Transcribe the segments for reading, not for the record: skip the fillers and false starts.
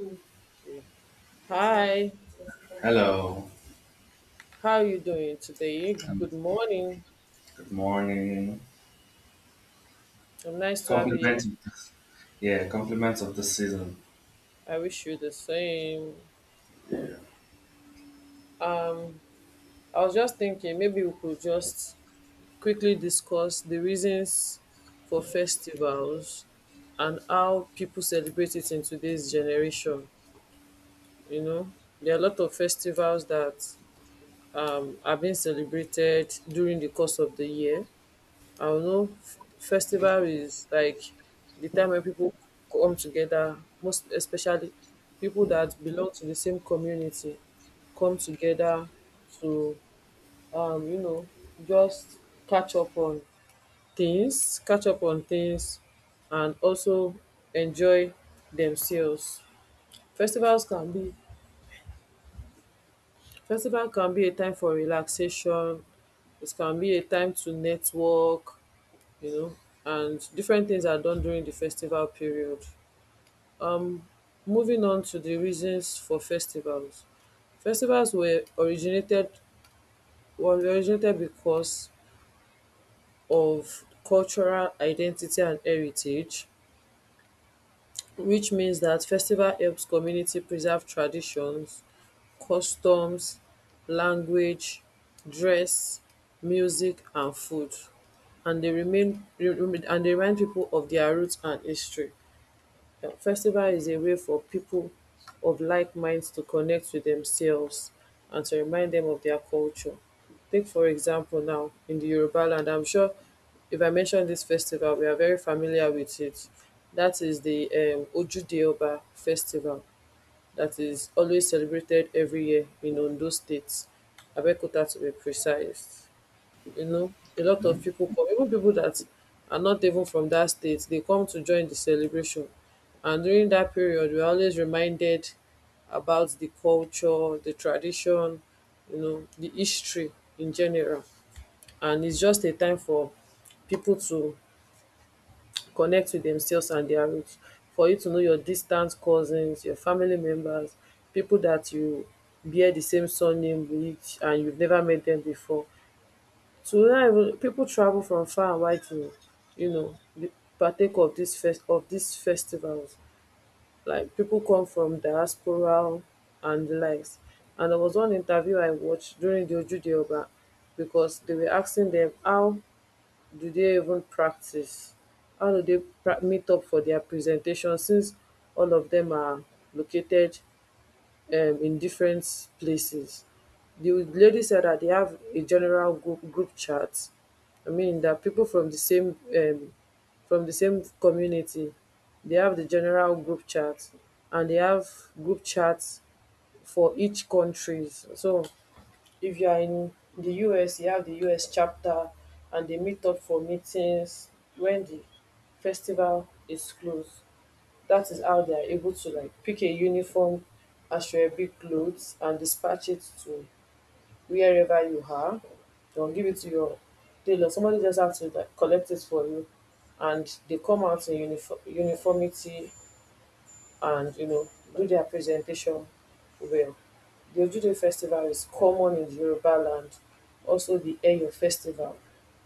Mm. Yeah. Hi, Hello. how are you doing today? Um, Good morning. good morning. I'm nice to have you here. Compliments. of this- Yeah, compliments of the season. I wish you the same. I was just thinking maybe we could just quickly discuss the reasons for festivals and how people celebrate it in today's generation. You know, there are a lot of festivals that are being celebrated during the course of the year. I don't know. Festival is like the time when people come together, most especially people that belong to the same community come together to, um, you know, just catch up on catch up on things, and also enjoy themselves. Festivals can be festival can be a time for relaxation. It can be a time to network, you know, and different things are done during the festival period. Um, Moving on to the reasons for festivals. Festivals were originated because of cultural identity and heritage, which means that festival helps community preserve traditions, customs, language, dress, music, and food, and they remain and they remind people of their roots and history. Festival is a way for people of like minds to connect with themselves and to remind them of their culture. Take, for example, now in the Yoruba land, I'm sure if I mention this festival, we are very familiar with it. That is the Ojude Oba festival that is always celebrated every year in Ondo State, Abeokuta to be precise. You know, a lot of people come, even people that are not even from that state. They come to join the celebration, and during that period we're always reminded about the culture, the tradition, you know, the history in general. And it's just a time for people to connect with themselves and their roots, for you to know your distant cousins, your family members, people that you bear the same surname with, and you've never met them before. Tonight people travel from far and wide to, you know, be- partake of this fest of these festivals. Like people come from diaspora and the likes. And there was one interview I watched during the Ojude Oba, because they were asking them how do they even practice, how do they pra- meet up for their presentation, since all of them are located in different places. The lady said that they have a general group chat. I mean that people from the same community, they have the general group chat, and they have group chats for each countries. So if you are in the US, you have the US chapter, and they meet up for meetings when the festival is closed. That is how they are able to like pick a uniform Ashwebi clothes and dispatch it to wherever you are. They'll give it to your tailor. Somebody just has to like collect it for you, and they come out in uniform uniformity and do their presentation well. The Ojude festival is common in the Yoruba land. Also, the Eyo festival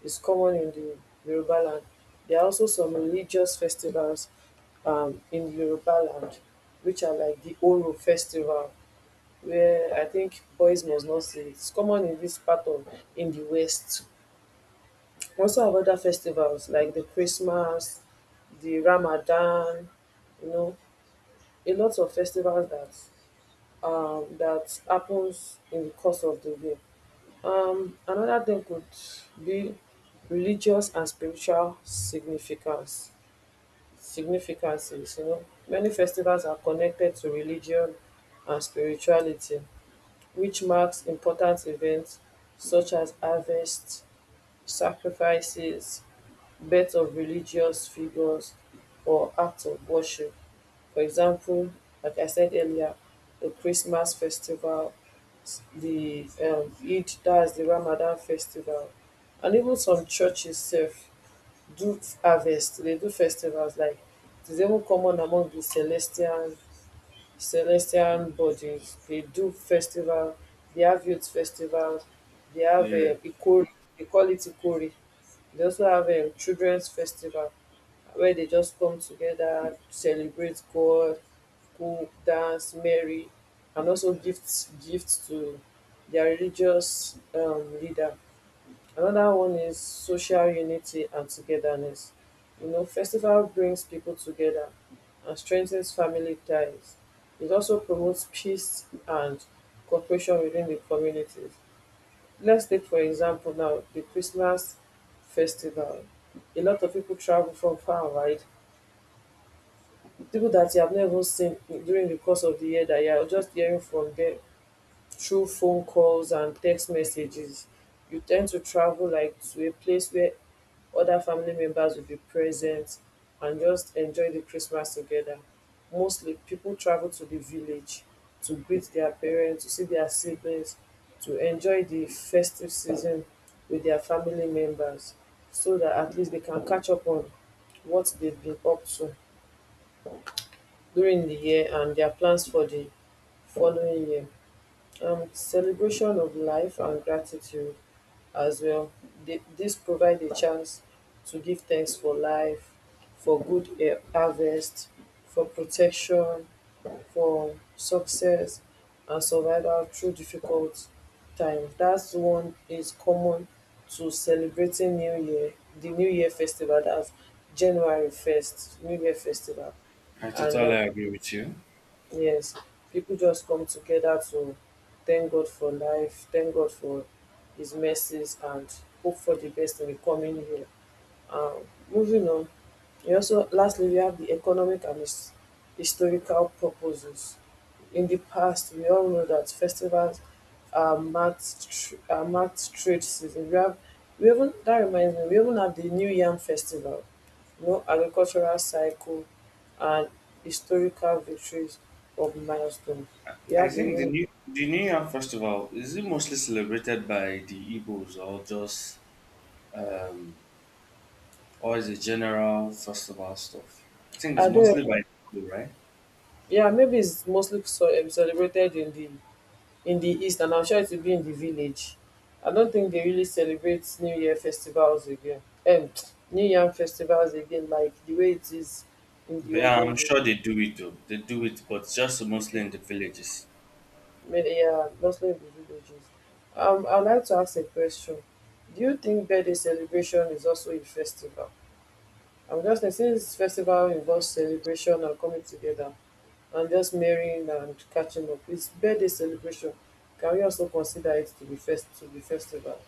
is common in the Yoruba land. There are also some religious festivals in the Yoruba land, which are like the Oro festival, where I think boys must not say it's common in this part of in the West. We also have other festivals like the Christmas, the Ramadan, you know, a lot of festivals that happens in the course of the day. Another thing could be religious and spiritual significance. Significances, many festivals are connected to religion and spirituality, which marks important events such as harvest, sacrifices, birth of religious figures, or acts of worship. For example, like I said earlier, the Christmas festival, the Eid, that's the Ramadan festival, and even some churches self do harvest. They do festivals like it is even common among the celestial bodies. They do festival. They have youth festivals. They have Yeah, a Ikori. They call it Ikori. They also have a children's festival where they just come together, celebrate God, who dance, merry, and also gifts to their religious leader. Another one is social unity and togetherness. Festival brings people together and strengthens family ties. It also promotes peace and cooperation within the communities. Let's take, for example, now the Christmas festival. A lot of people travel from far and wide. People that you have not even seen during the course of the year, that you are just hearing from them through phone calls and text messages, you tend to travel like to a place where other family members will be present and just enjoy the christmas together. Mostly people travel to the village to greet their parents, to see their siblings, to enjoy the festive season with their family members, so that at least they can catch up on what they've been up to during the year and their plans for the following year. Celebration of life and gratitude as well. This provide a chance to give thanks for life, for good harvest, for protection, for success and survival through difficult times. That's one is common to celebrating new year the new year festival. That's January 1st new year festival. I And totally agree with you. yes, people just come together to thank God for life, thank God for His mercies, and hope for the best in the coming year. Um, Moving on, we also lastly we have the economic and historical purposes. In the past, we all know that festivals are marked trade season. We even, that reminds me, we even have the New Yam Festival, no agricultural cycle, and historical victories of milestones. You I have the think name. The New Year festival, is it mostly celebrated by the Igbos, um or is it general festival stuff? I think I it's don't mostly remember. by the Igbo, right? Yeah, maybe it's mostly so, celebrated in the east, and I'm sure it will be in the village. I don't think they really celebrate New Year festivals again. Um, New Year festivals again, like the way it is in the But yeah, olden I'm days. sure they do it though. They do it, but just mostly Okay. in the villages. Maybe, yeah, mostly in the villages. I'd like to ask a question. Do you think birthday celebration is also a festival? I am just say since festival involves celebration and coming together and just marrying and catching up, it's birthday celebration. Can we also consider it to be festival?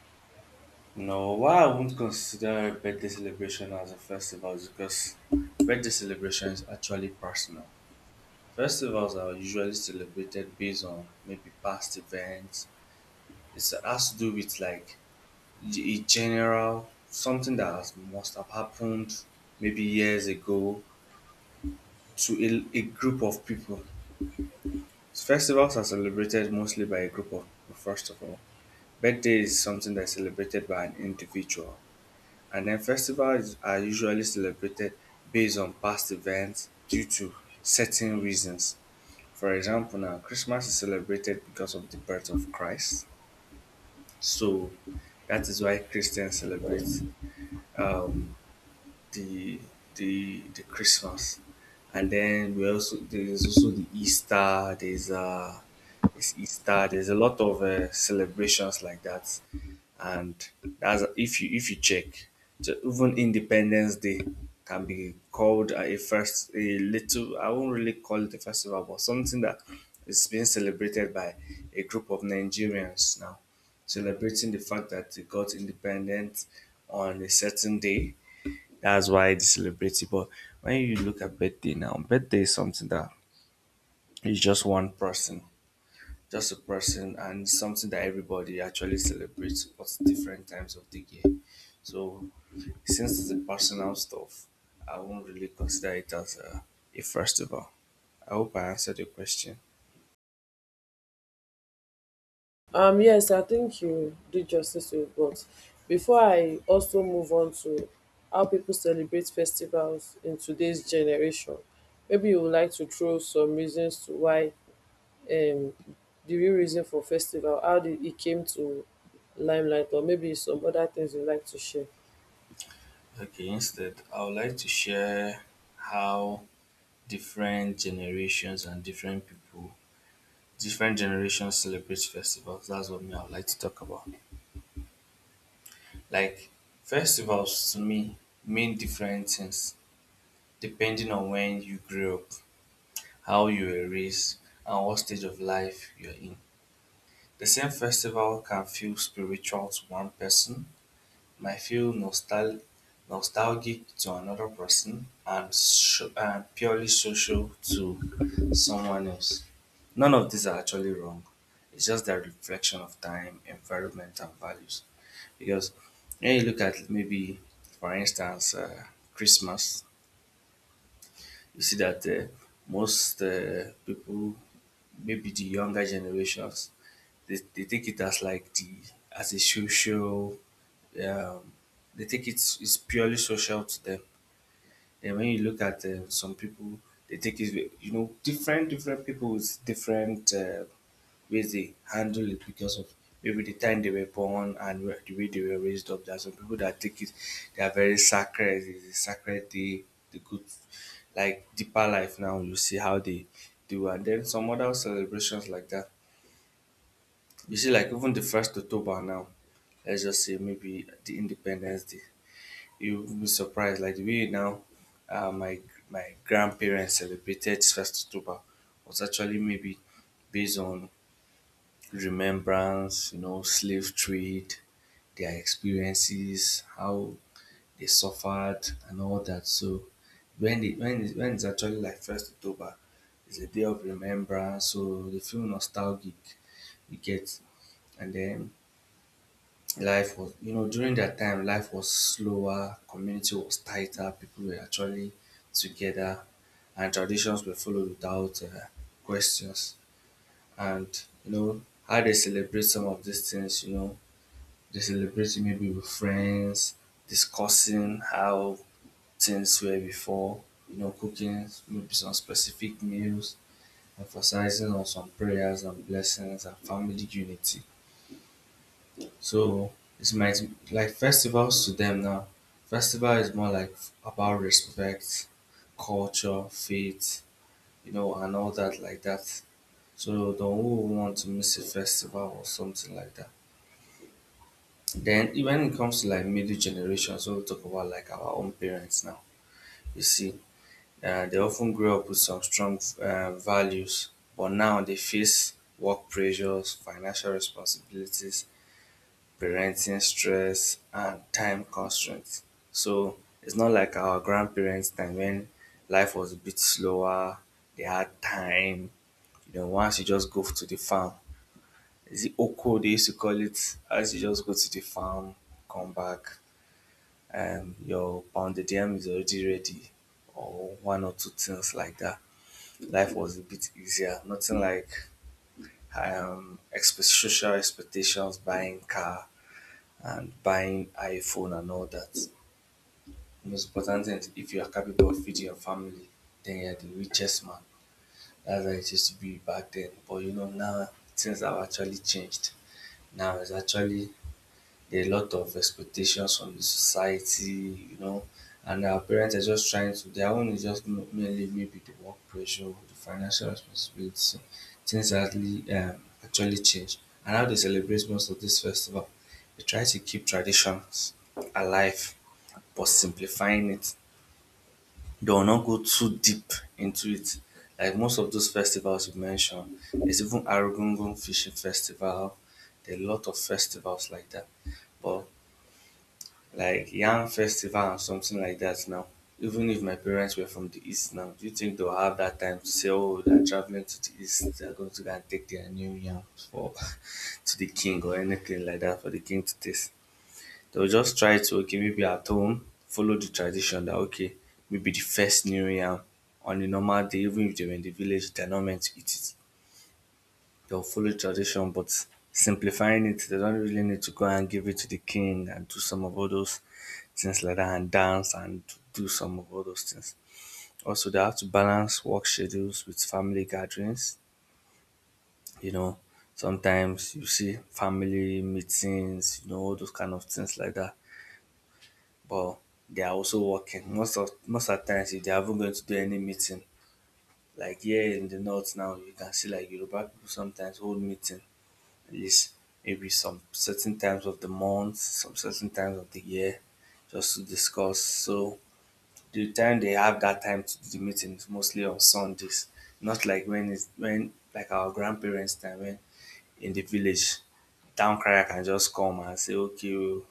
No, why I won't consider birthday celebration as a festival is because birthday celebration is actually personal. Festivals are usually celebrated based on maybe past events. It has to do with, like, in general, something that has, must have happened maybe years ago to a group of people. Festivals are celebrated mostly by a group of people, first of all. Birthday is something that's celebrated by an individual. And then festivals are usually celebrated based on past events due to certain reasons. For example, now Christmas is celebrated because of the birth of Christ. So that is why Christians celebrate um, the, the Christmas. And then we also there's also the Easter. There's Easter. There's a lot of celebrations like that. And, as if you check, so even Independence Day can be called a first a little I won't really call it a festival, but something that is being celebrated by a group of Nigerians, now celebrating the fact that they got independent on a certain day. That's why they celebrate it. But when you look at birthday, now birthday is something that is just one person, just a person, and something that everybody actually celebrates at different times of the year. So since it's a personal stuff, I won't really consider it as a festival. I hope I answered your question. Yes, I think you did justice to it, but before I also move on to how people celebrate festivals in today's generation, maybe you would like to throw some reasons to why um the real reason for festival, how did it came to limelight, or maybe some other things you'd like to share. Okay, instead, I would like to share how different generations and different people, different generations celebrate festivals. That's what me I would like to talk about. Like, festivals to me mean different things depending on when you grew up, how you were raised, and what stage of life you're in. The same festival can feel spiritual to one person, might feel nostalgic to another person, and purely social to someone else. None of these are actually wrong. It's just a reflection of time, environment, and values. Because when you look at, maybe, for instance, Christmas, you see that most people, maybe the younger generations, they take it as, like, the as a social, um, they take it it's purely social to them. And when you look at some people, they take it you know, different people with different ways they handle it, because of maybe the time they were born, and the way they were raised up. There are some people that take it — they are very sacred, it's a sacred day, the good, like, deeper life, now you see how they do. And then some other celebrations like that. You see, like, even the first October now, let's just say maybe the Independence Day, you'll be surprised. Like, the way now, uh, my my grandparents celebrated first October was actually maybe based on remembrance, you know, slave trade, their experiences, how they suffered, and all that. So when it's actually like first October, it's a day of remembrance. So they feel nostalgic, you get? And then life was, you know, during that time, life was slower, community was tighter, people were actually together, and traditions were followed without questions. And, you know, how they celebrate some of these things, you know, they celebrate maybe with friends, discussing how things were before, you know, cooking maybe some specific meals, emphasizing on some prayers and blessings and family unity. So it's might like festivals to them now. Festival is more like about respect, culture, faith, you know, and all that like that. So don't who want to miss a festival or something like that. Then when it comes to like middle generation, so we talk about like our own parents now. You see, they often grew up with some strong values, but now they face work pressures, financial responsibilities, parenting stress, and time constraints. So it's not like our grandparents' time when life was a bit slower, they had time. You know, once you just go to the farm, is it Oko they used to call it? As you just go to the farm, come back, and your pounded yam is already ready, or one or two things like that. Life was a bit easier, nothing like social expectations, buying car, and buying iPhone and all that. The most important thing is if you are capable of feeding your family, then you're the richest man. That's how it used to be back then. But you know, now things have actually changed. Now it's actually there are a lot of expectations from the society, you know, and our parents are just trying to, their own is just merely maybe the work pressure, the financial responsibility. Things actually change. And how they celebrate most of this festival, they try to keep traditions alive but simplifying it. They will not go too deep into it. Like most of those festivals you mentioned, there's even Arugungun Fishing Festival. There are a lot of festivals like that. But like yam festival and something like that now. Even if my parents were from the east now, do you think they'll have that time to say, "Oh, they're traveling to the east. They're going to go and take their new yam for to the king or anything like that for the king to taste"? They'll just try to, okay, maybe at home follow the tradition that, okay, maybe the first new yam on a normal day, even if they were in the village, they're not meant to eat it, they'll follow tradition, but simplifying it, they don't really need to go and give it to the king and do some of all those things like that, and dance, and do some of all those things. Also, they have to balance work schedules with family gatherings. You know, sometimes you see family meetings, you know, all those kind of things like that. But they are also working. Most of the times, if they haven't going to do any meeting, like here in the north now, you can see like Yoruba people sometimes hold meeting, least maybe some certain times of the month, some certain times of the year, just to discuss. So the time they have that time to do the meeting is mostly on Sundays, not like when it's when like our grandparents' time, when in the village, town crier can just come and say, okay, oh,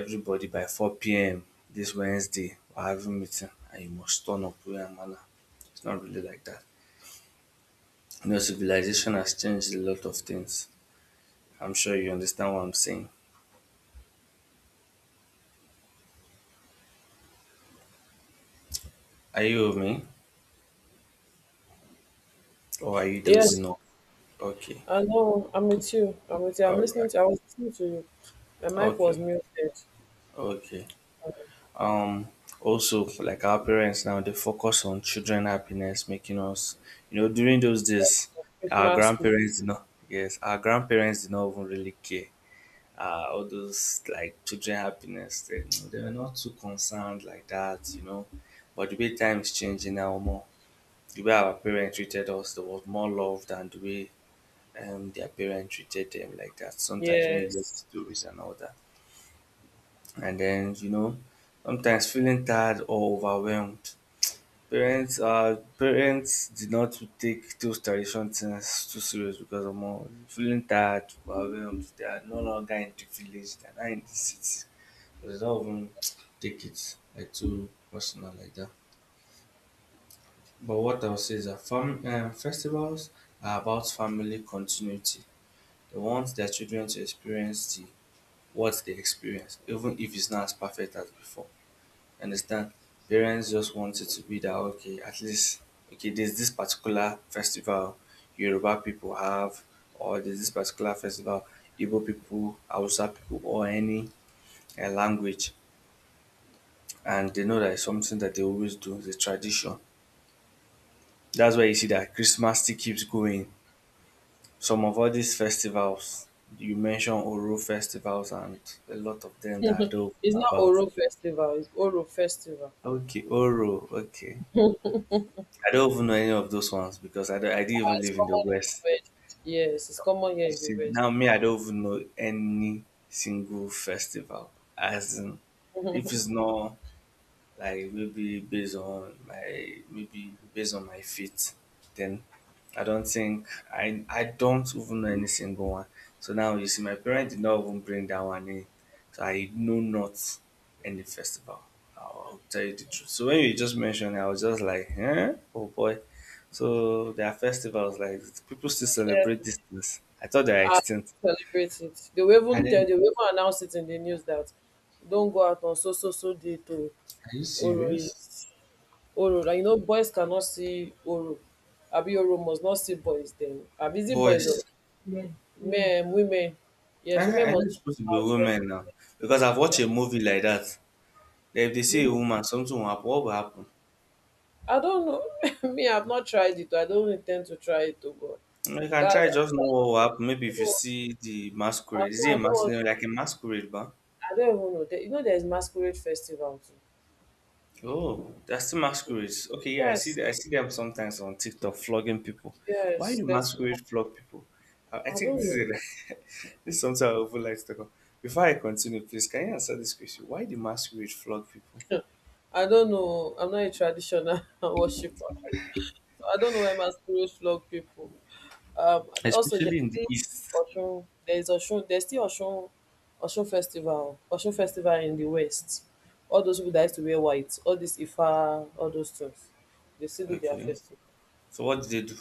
everybody by 4 p.m. this Wednesday we're having meeting, and you must turn up way and manner. It's not really like that. You know, civilization has changed a lot of things. I'm sure you understand what I'm saying. Are you with me? Or are you Yes, dozing off? Okay. I know. I'm with you. I'm with you. I'm All listening right. to. I was listening to you. My mic was Okay. muted. Okay. Um also, like, our parents now, they focus on children happiness, making us, you know, during those days, our Christmas. Play. grandparents did not — yes, our grandparents did not even really care. All those like children happiness, they were not too concerned like that, you know. But the way time is changing now more. The way our parents treated us, there was more love than the way their parents treated them like that. Sometimes when you hear the Yes. stories and all that, and then, you know, sometimes feeling tired or overwhelmed. Parents did not take those traditional things too serious because of more feeling tired, overwhelmed. They are no longer in the village; they are now in the city. So they don't even take it like too personal like that. But what I'll say is that festivals are about family continuity. They want their children to experience the what they experience, even if it's not as perfect as before. Understand? Parents just want it to be that, okay, at least, okay, there's this particular festival Yoruba people have, or there's this particular festival Igbo people, Hausa people, or any language, and they know that it's something that they always do, it's a tradition. That's why you see that Christmas still keeps going. Some of all these festivals, you mentioned Oro festivals, and a lot of them that I don't It's know not about. Oro Festival. It's Oro Festival. Okay, Oro. Okay. I don't even know any of those ones because I, don't, I didn't Ah, even it's live in the common in West. the West. Yes, it's common here You in the see, West. now me, I don't even know any single festival. As in, if it's not like maybe based on my faith then i don't think I don't even know any single one. So now you see, my parents did not even bring that one in, so I know not any festival. I'll tell you the truth, so when you just mentioned it, I was just like, huh? Oh boy, so there are festivals like people still Yeah. celebrate these things. I thought they are And extinct. celebrate it. They will even And tell. then They will even announce it in the news that don't go out on so so so day to are you Oro serious? is Oro. Like, boys cannot see Oro. Abi Oro must not see boys. Then, abi is it boys or Boys. men, women. I, Yes, women I know must it's supposed to not be a out when. woman now, because I've watched Yes. a movie like that. If they see a woman, something will happen. What will happen? I don't know. Me, I've not tried it. I don't intend to try it. Oh God, Mm, you can that's. try just know what will happen. Maybe if you don't. see the I don't. masquerade, is it a I don't, want- masquerade, like a masquerade, but I don't even know. There's masquerade festival oh, that's the too. masquerades. Okay, yeah, I see Yes, that. I see them sometimes on TikTok flogging people. Why yes. do Festival. masquerade flog people? I I think this don't is a, this is something I would like to talk about. Before I continue, please can you answer this question? Why do masquerade flog people, know. I don't know. I'm not a traditional worshiper, so I don't know where masquerade flog people. And also, there's especially in the this east? Oshun. There's Oshun. There's still Oshun, Oshun festival. Oshun festival in the west. All those people that used to wear white. All this Ifa. All those things. They still do their Okay, festival. so what do they do?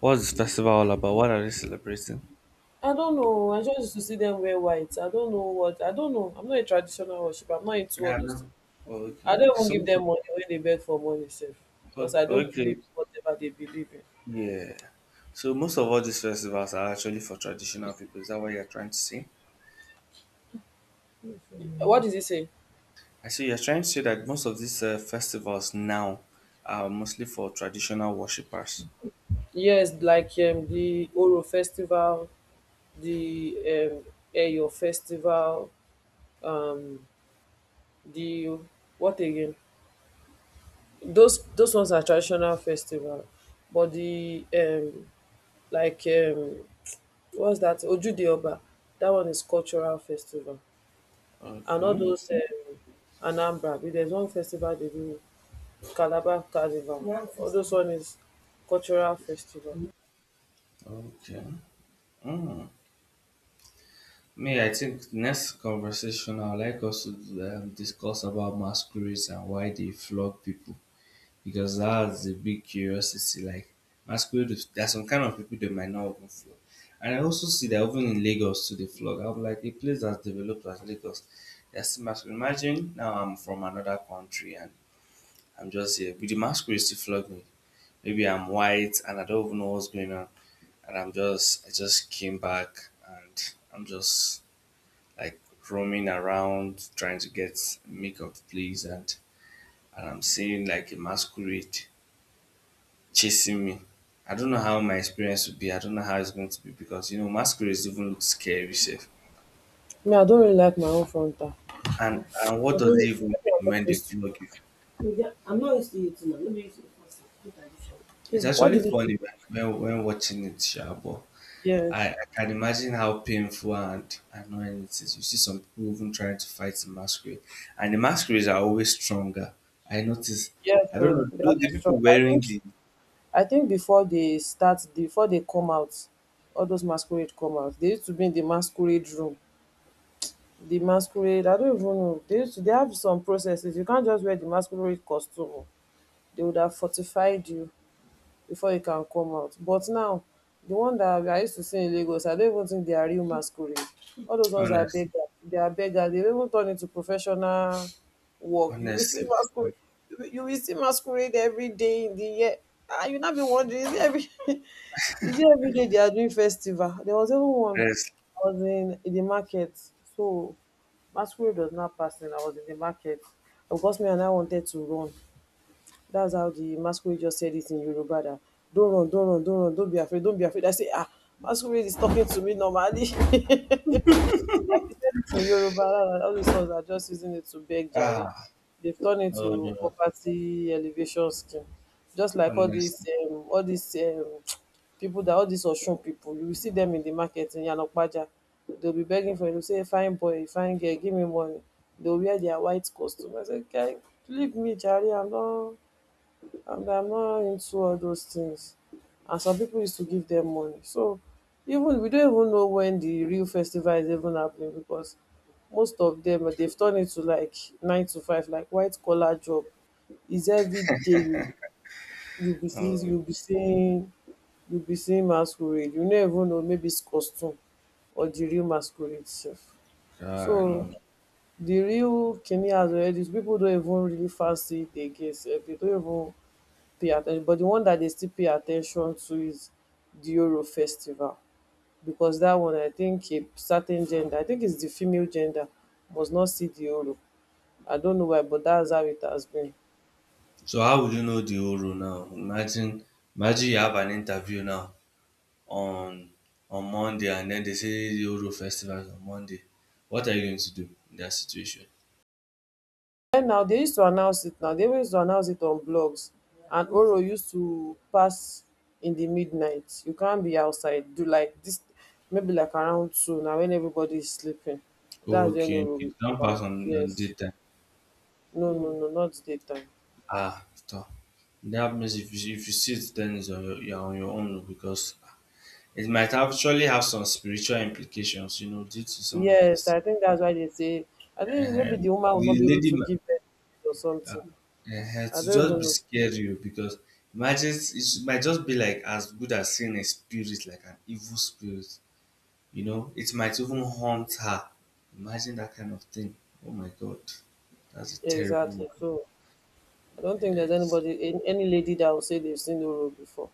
What's the festival all about? What are they celebrating? I don't know. I just used to see them wear white. I don't know what. I don't know. I'm not a traditional worshiper. I'm not into all Yeah, those things. bro. Oh, okay, I don't okay. even So give most of, them money when they beg for money, safe. Because o- I don't okay, believe whatever they believe in. yeah. So most of all these festivals are actually for traditional people. Is that what you're trying to say? What does it say? I see you're trying to say that most of these festivals now are mostly for traditional worshippers. Yes, like the Oro festival. The Eyo festival, um, the what again? Those ones are traditional festival, but the like what's that? Ojude Oba, that one is cultural festival, and all Okay, those Anambra. But there's one festival they do Calabar Carnival. All those one is cultural festival. okay. Mm. Me, I think next conversation I'd like us to discuss about masquerades and why they flog people, because that's a big curiosity. Like masquerade, there's some kind of people that might not even flog. And I also see that even in Lagos to the flog. I'm like, a place that's developed as Lagos. That's masquerade. Imagine now I'm from another country and I'm just here, with the masquerade still flog me. Maybe I'm white and I don't even know what's going on. And I just came back and I'm just like roaming around trying to get make of place, and I'm seeing like a masquerade chasing me. I don't know how my experience would be. I don't know how it's going to be, because you know masquerades even look scary safe. Me, I don't really like my own frontal. And I what does it don't. even People are mean not when they used flog you? to Yeah, I'm not used to it now. Let me use it first. Look at this one. Yeah. It's What actually did you funny when watching it, sure, but I, Yes. I can imagine how painful and annoying it is. You see some people even trying to fight the masquerade. And the masquerades are always stronger. I notice Yes. I don't So know they though the always people struggle. I wearing think. the, I think before they start, before they come out, all those masquerade come out. They used to be in the masquerade room. The masquerade. I don't even know. They used to. They have some processes. You can't just wear the masquerade costume. They would have fortified you before e can come out. But now, the one that I used to see in Lagos, I don't even think they are real masquerade. All those ones are honestly, beggars. They are beggars. They don't even turn into professional work. You will see honestly, masquerade. You will see masquerade every day in the year. Ah, you not be wondering is it every is it every day they are doing festival? There was even one. honestly, I was in the market, so masquerade was not passing. I was in the market. Of course, me and I wanted to run. That's how the masquerade just said it in Yoruba that don't run, don't run, don't run, don't be afraid, don't be afraid. I say, ah, masquerade is talking to me normally. like he said it in Yoruba, and all these ones are just using it to beg Jare. ah, They've turned it no to no, property elevation scheme. Just like honestly. All these people that all these Oshun people, you will see them in the market in Yanokpaja. They'll be begging for you, they'll say, fine boy, fine girl, give me money. They'll wear their white costume. I said, guy, leave me, Jare, I'm not and I'm not into all those things. And some people used to give them money. So even we don't even know when the real festival is even happening because most of them they've turned it to like nine to five, like white collar job. It's every day you you'll be seeing Oh you'll be seeing you'll be seeing masquerade. You never even know maybe it's costume or the real masquerade itself. God, no. So No. the real Kenny has already people don't even really fancy it again, sef. They don't even pay attention but the one that dey still pay attention to is the Oro festival because that one I think a certain gender I think it's the female gender must not see the Oro. I don't know why but that's how it has been. So how would you know the whole role now? Imagine, imagine you have an interview now on on Monday, and then they say the whole role festival is on Monday. What are you going to do in that situation? Then now they used to announce it now they always used to announce it on blogs and Oro used to pass in the midnight. You can't be outside do like this maybe like around two now when everybody is sleeping. That's when Okay, okay, Oro you will don't come pass out. On Yes. data. No no no, not daytime. Ah, stop. That means if you see it, then it's on your, you're on your own oh, because it might actually have some spiritual implications, you know, due to some of Yes, this. I think that's why they say. I think maybe the woman will not The be able lady, to give birth or something. ehen, I to don't just even be know scary o, because imagine it should- might just be like as good as seeing a spirit, like an evil spirit, you know, it might even haunt her. Imagine that kind of thing. Oh my god, that's a terrible exactly. one. So I don't think there's Yes. anybody, any lady that will say they've seen the road before.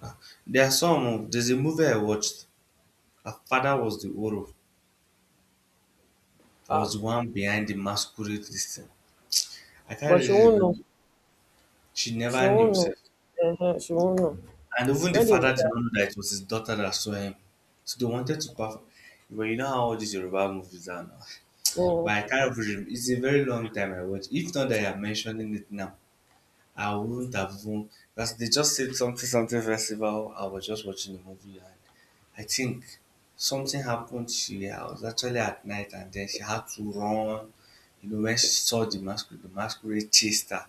Ah, there are some, there's a movie I watched. Her father was the Oro. I was Ah, the one behind the masquerade this thing. I can't but she really won't know. remember. She She never knew won't know. herself. Uh huh, she won't know And even the when they do father did that. not know that it was his daughter that saw him. So they wanted to perform. But you know how all these Yoruba movies are now. But Mm, I can't remember. It's a very long time I watched. If not that you are mentioning it now, I wouldn't have even. Because they just said something, something festival. I was just watching the movie, and I think something happened to her. I was actually at night, and then she had to run. You know, when she saw the masquerade chased her.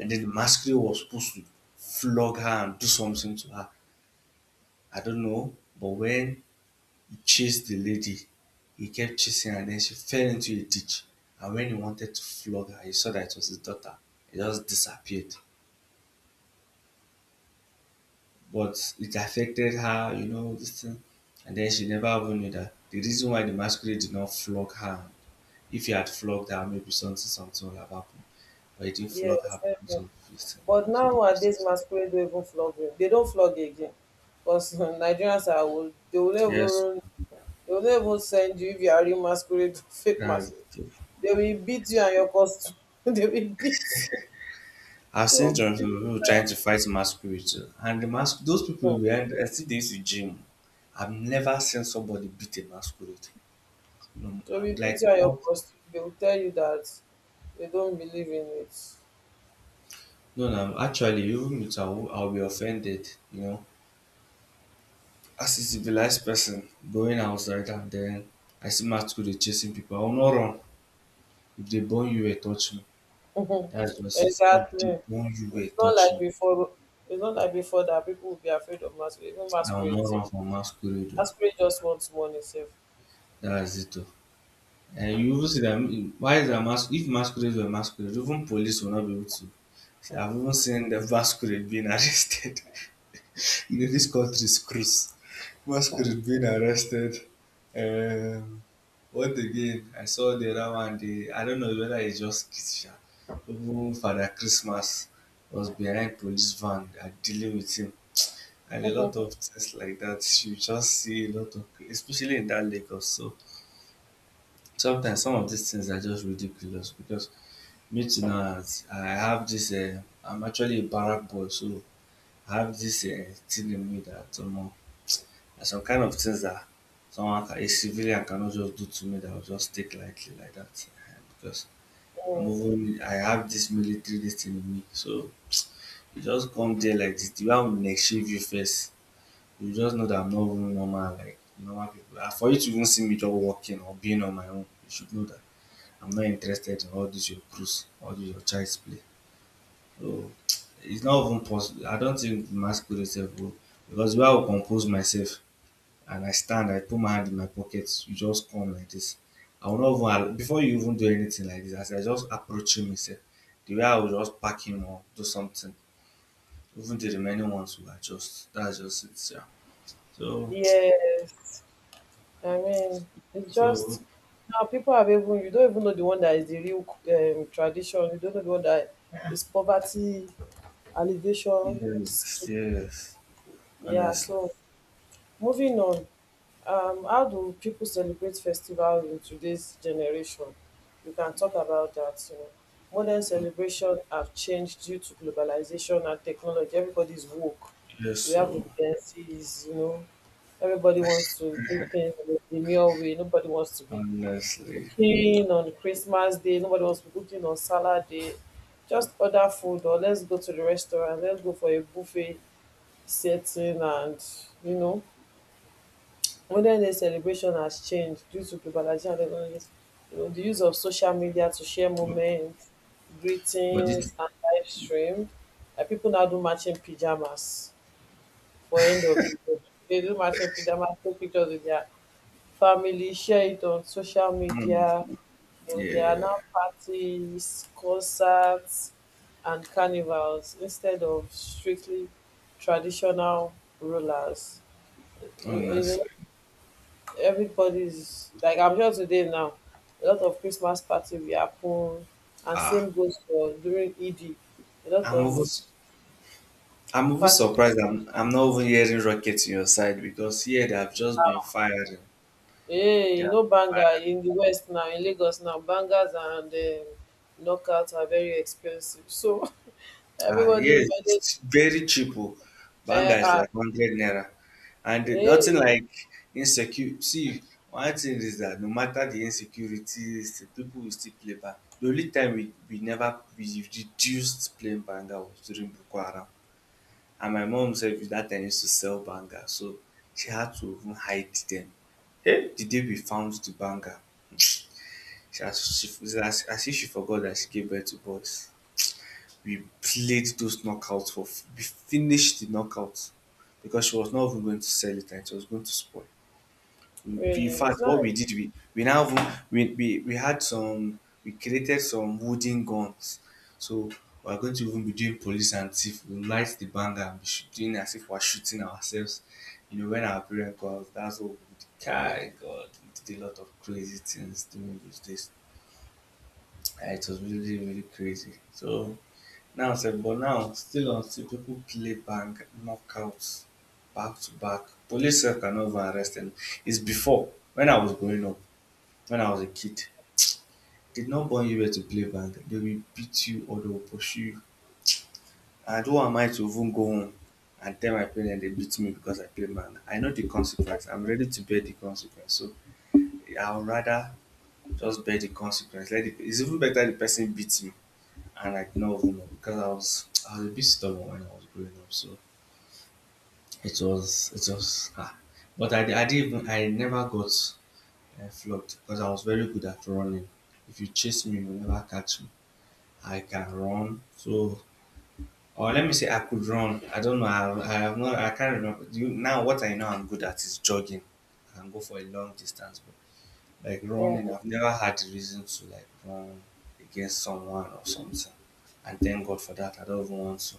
And then the masquerade was supposed to flog her and do something to her. I don't know, but when he chased the lady, he kept chasing her, and then she fell into a ditch. And when he wanted to flog her, he saw that it was his daughter. He just disappeared. But it affected her, you know, this thing. And then she never even knew that the reason why the masquerade did not flog her, if he had flogged her, maybe something, something would have happened. But he didn't flog yes, her because definitely. of this thing. But So, because nowadays, it's, masquerade don't even flog you. They don't flog you again, because Nigerians are old. They will yes, never They'll not even send you if you are real masquerade, fake that's masquerade. the, They will beat you and your costume. they will beat you. I've They seen will some beat people trying to fight masquerades oh, and the mas- those people you. behind I think they used to gym. I've never seen somebody beat a masquerade. No, They will beat like you and your all, costume. They will tell you that they don't believe in it. no, no. Actually, even with I'll be offended. You know, as a civilized person going outside and then I see masquerade chasing people, I'll not run. If they burn you, eh, touch me. That's just it. If they exactly. burn you, eh, It's not touch like me. before. It's not like before that people will be afraid of masquerade. Even I will masquerade, not sef. run for masquerade. Oh. Masquerade just wants money, safe. That's it. Oh. And you even see that mm, why is that mas- if masquerades were masquerades, even police will not be able to. See, I've even seen the masquerade being arrested. You know, this country screws. Masquerade being arrested. Um, what again? I saw the other one. The I don't know whether it's just Kisha. Even Father Christmas was behind police van. They are dealing with him. And a lot of things like that. You just see a lot of, especially in that Lagos. So sometimes some of these things are just ridiculous, because me too now, I have this, I'm actually a barrack boy, so I have this thing in me that omo, there's some kind of things that someone can, a civilian cannot just do to me that I'll just take lightly like that. Because I'm even, I have this military this thing in me. So you just come there like this, the way I will neck shave you first, you just know that I'm not even normal, like normal people. And for you to even see me just walking or being on my own, you should know that I'm not interested in all this your cruise, all this your child's play. So it's not even possible. I don't think the masquerade itself will, because the way I will compose myself and I stand, I put my hand in my pocket, you just come like this. I will not even allow, before you even do anything like this, as I just approach him itself, the way I will just pack him or do something, even the remaining ones will adjust. That's just it, yeah. So, yes. I mean, it's so just now people have even you don't even know the one that is the real tradition. You don't know the one that is poverty alleviation yes, scheme. yes, Yeah. honestly, So moving on, how do people celebrate festivals in today's generation? We can talk about that. You know, modern so, celebration have changed due to globalization and technology. Everybody's woke. yes, We have so dependencies. You know, everybody wants to do things in a demure way. Nobody wants to be honestly, cooking on Christmas Day. Nobody wants to be cooking on salad day. Just order food or let's go to the restaurant. Let's go for a buffet setting and you know. Modern day celebration has changed due to globalization and technology. You know, the use of social media to share moments, but this, greetings and live stream. Like people now do matching pajamas for end of the year. They do matching pajamas, take pictures with their family, share it on social mm, media. But there are yeah, now parties, concerts, and carnivals instead of strictly traditional rulers. You know, honestly, everybody's like I'm sure today now, a lot of Christmas party we happen, and same ah. goes for during Eid. A lot I'm over, of I'm over parties. surprised. I'm not even hearing rockets in your side, because here they have just been firing. Hey, you Yeah. know, banger in the West now, in Lagos now, bangers and knockouts are very expensive. So Ah, everybody's yes, money, it's very cheap. Oh. uh, Banga is uh, like 100 naira. And the- nothing hey, like insecure. See, one thing is that no matter the insecurities, the people will still play bang. The only time we never we reduced playing banga was during Boko Haram. And my mom said that time used to sell banger, so she had to even hide them. Hey, the day we found the banger? she as she it's as if she forgot that she gave birth to boys, we played those knockouts for f- we finished the knockouts, because she was not even going to sell it and it was going to spoil in really, it's fact, not. what we did, we had some, we created some wooden guns. So we're going to even be doing police and thief. We'll light the banger and be shooting as if we're shooting ourselves. You know, when our parents go out, that's what we did. Kai God, we did a lot of crazy things during those days. Ah, it was really, really crazy. So now, sef, but now still on still people play bang knockouts back to back. Police sef cannot even arrest them. It's before when I was growing up, when I was a kid. Did not born you here to play bag. They will beat you or they will pursue you. And who am I to even go home and tell my parents they beat me because I play bag? I know the consequence. I'm ready to bear the consequence. So I would rather just bear the consequence. Let it, it's even better the person beats me and I did not even know because I was a bit stubborn when I was growing up. So it was ah. But I didn't even I never got flogged because I was very good at running. If you chase me, you will never catch me. I can run. So, or let me say I could run. I don't know. I have not. I can't remember. Do you, now, what I know I'm good at is jogging. I can go for a long distance, but like running, Mm, I've never had the reason to like run against someone or something. And thank God for that. I don't even want to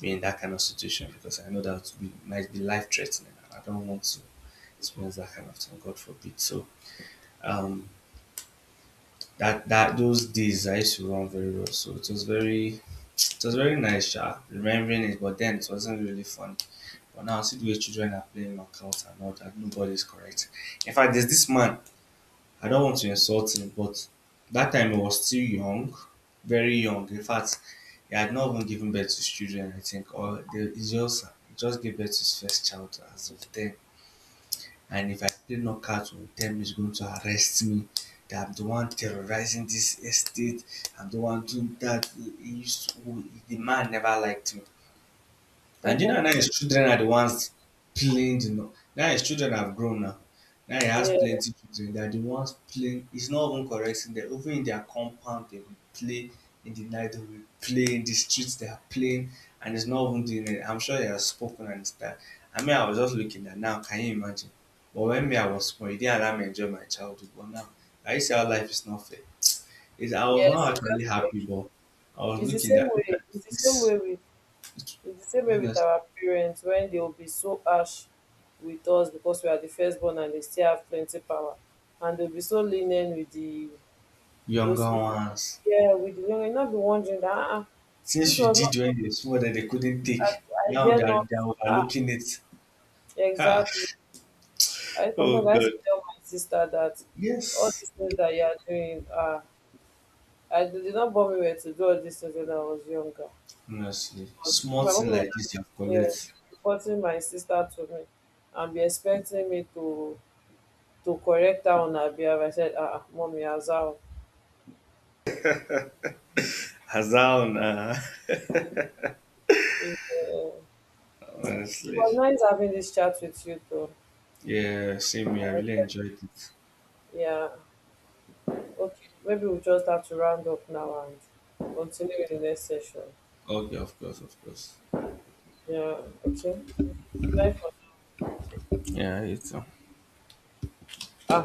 be in that kind of situation, because I know that would be, might be life threatening. I don't want to experience that kind of thing. God forbid. So, um, that that those days I used to run very well. So it was very, it was very nice, Sha, remembering it, but then it wasn't really fun. But now, see the way children are playing knockouts and all that, nobody's correct. In fact, there's this man, I don't want to insult him, but that time he was still young, very young. In fact, he had not even given birth to his children, I think, or they, he just gave birth to his first child as of then. And if I play knockout with them, he's going to arrest me. That I'm the one terrorizing this estate. I'm the one doing that. He used to, the man never liked me. And you mhm. know, now his children are the ones playing the. No- now his children have grown now. Now he has Yeah, plenty children. They are the ones playing. It's not even correcting them. Even in their compound, they will play in the night. They will play in the streets. They are playing, and it's not even doing it. I'm sure he has spoken and that. I mean, I was just looking at now. Can you imagine? But when me, I was small, it didn't allow me to enjoy my childhood. But now, I see how life is not fair. Is I was yes, not just actually happy, like but I was it's the looking same that. Look at way. It's the same this. way with It, it's the same way with honestly. our parents when they will be so harsh with us because we are the firstborn and they still have plenty power, and they'll be so lenient with the those Younger with, ones. yeah with the young. You'll Not be wondering that this Since you was not did when they were small that they couldn't I, take. I Now dare not they are uh, overlooking it. Ha! exactly. I Oh sometimes I used God. to tell my sister that all Yes. these things that you are doing I they did not bother me to do all these things when I was younger. Honestly. But Small my mom thing was like this you have yeah, she collect. was reporting my sister to me and be expecting me to correct her on her behavior. I said, ah, ah, mommy, as how? Hazaun. Ah. It, it Honestly. was nice having this chat with you, though. Yeah, same here. I I, really enjoyed it. yeah, okay. Maybe we'll just have to round up now and continue with the next session. Okay, of course, of course. Yeah, okay. Bye for now. Yeah, it's Ah,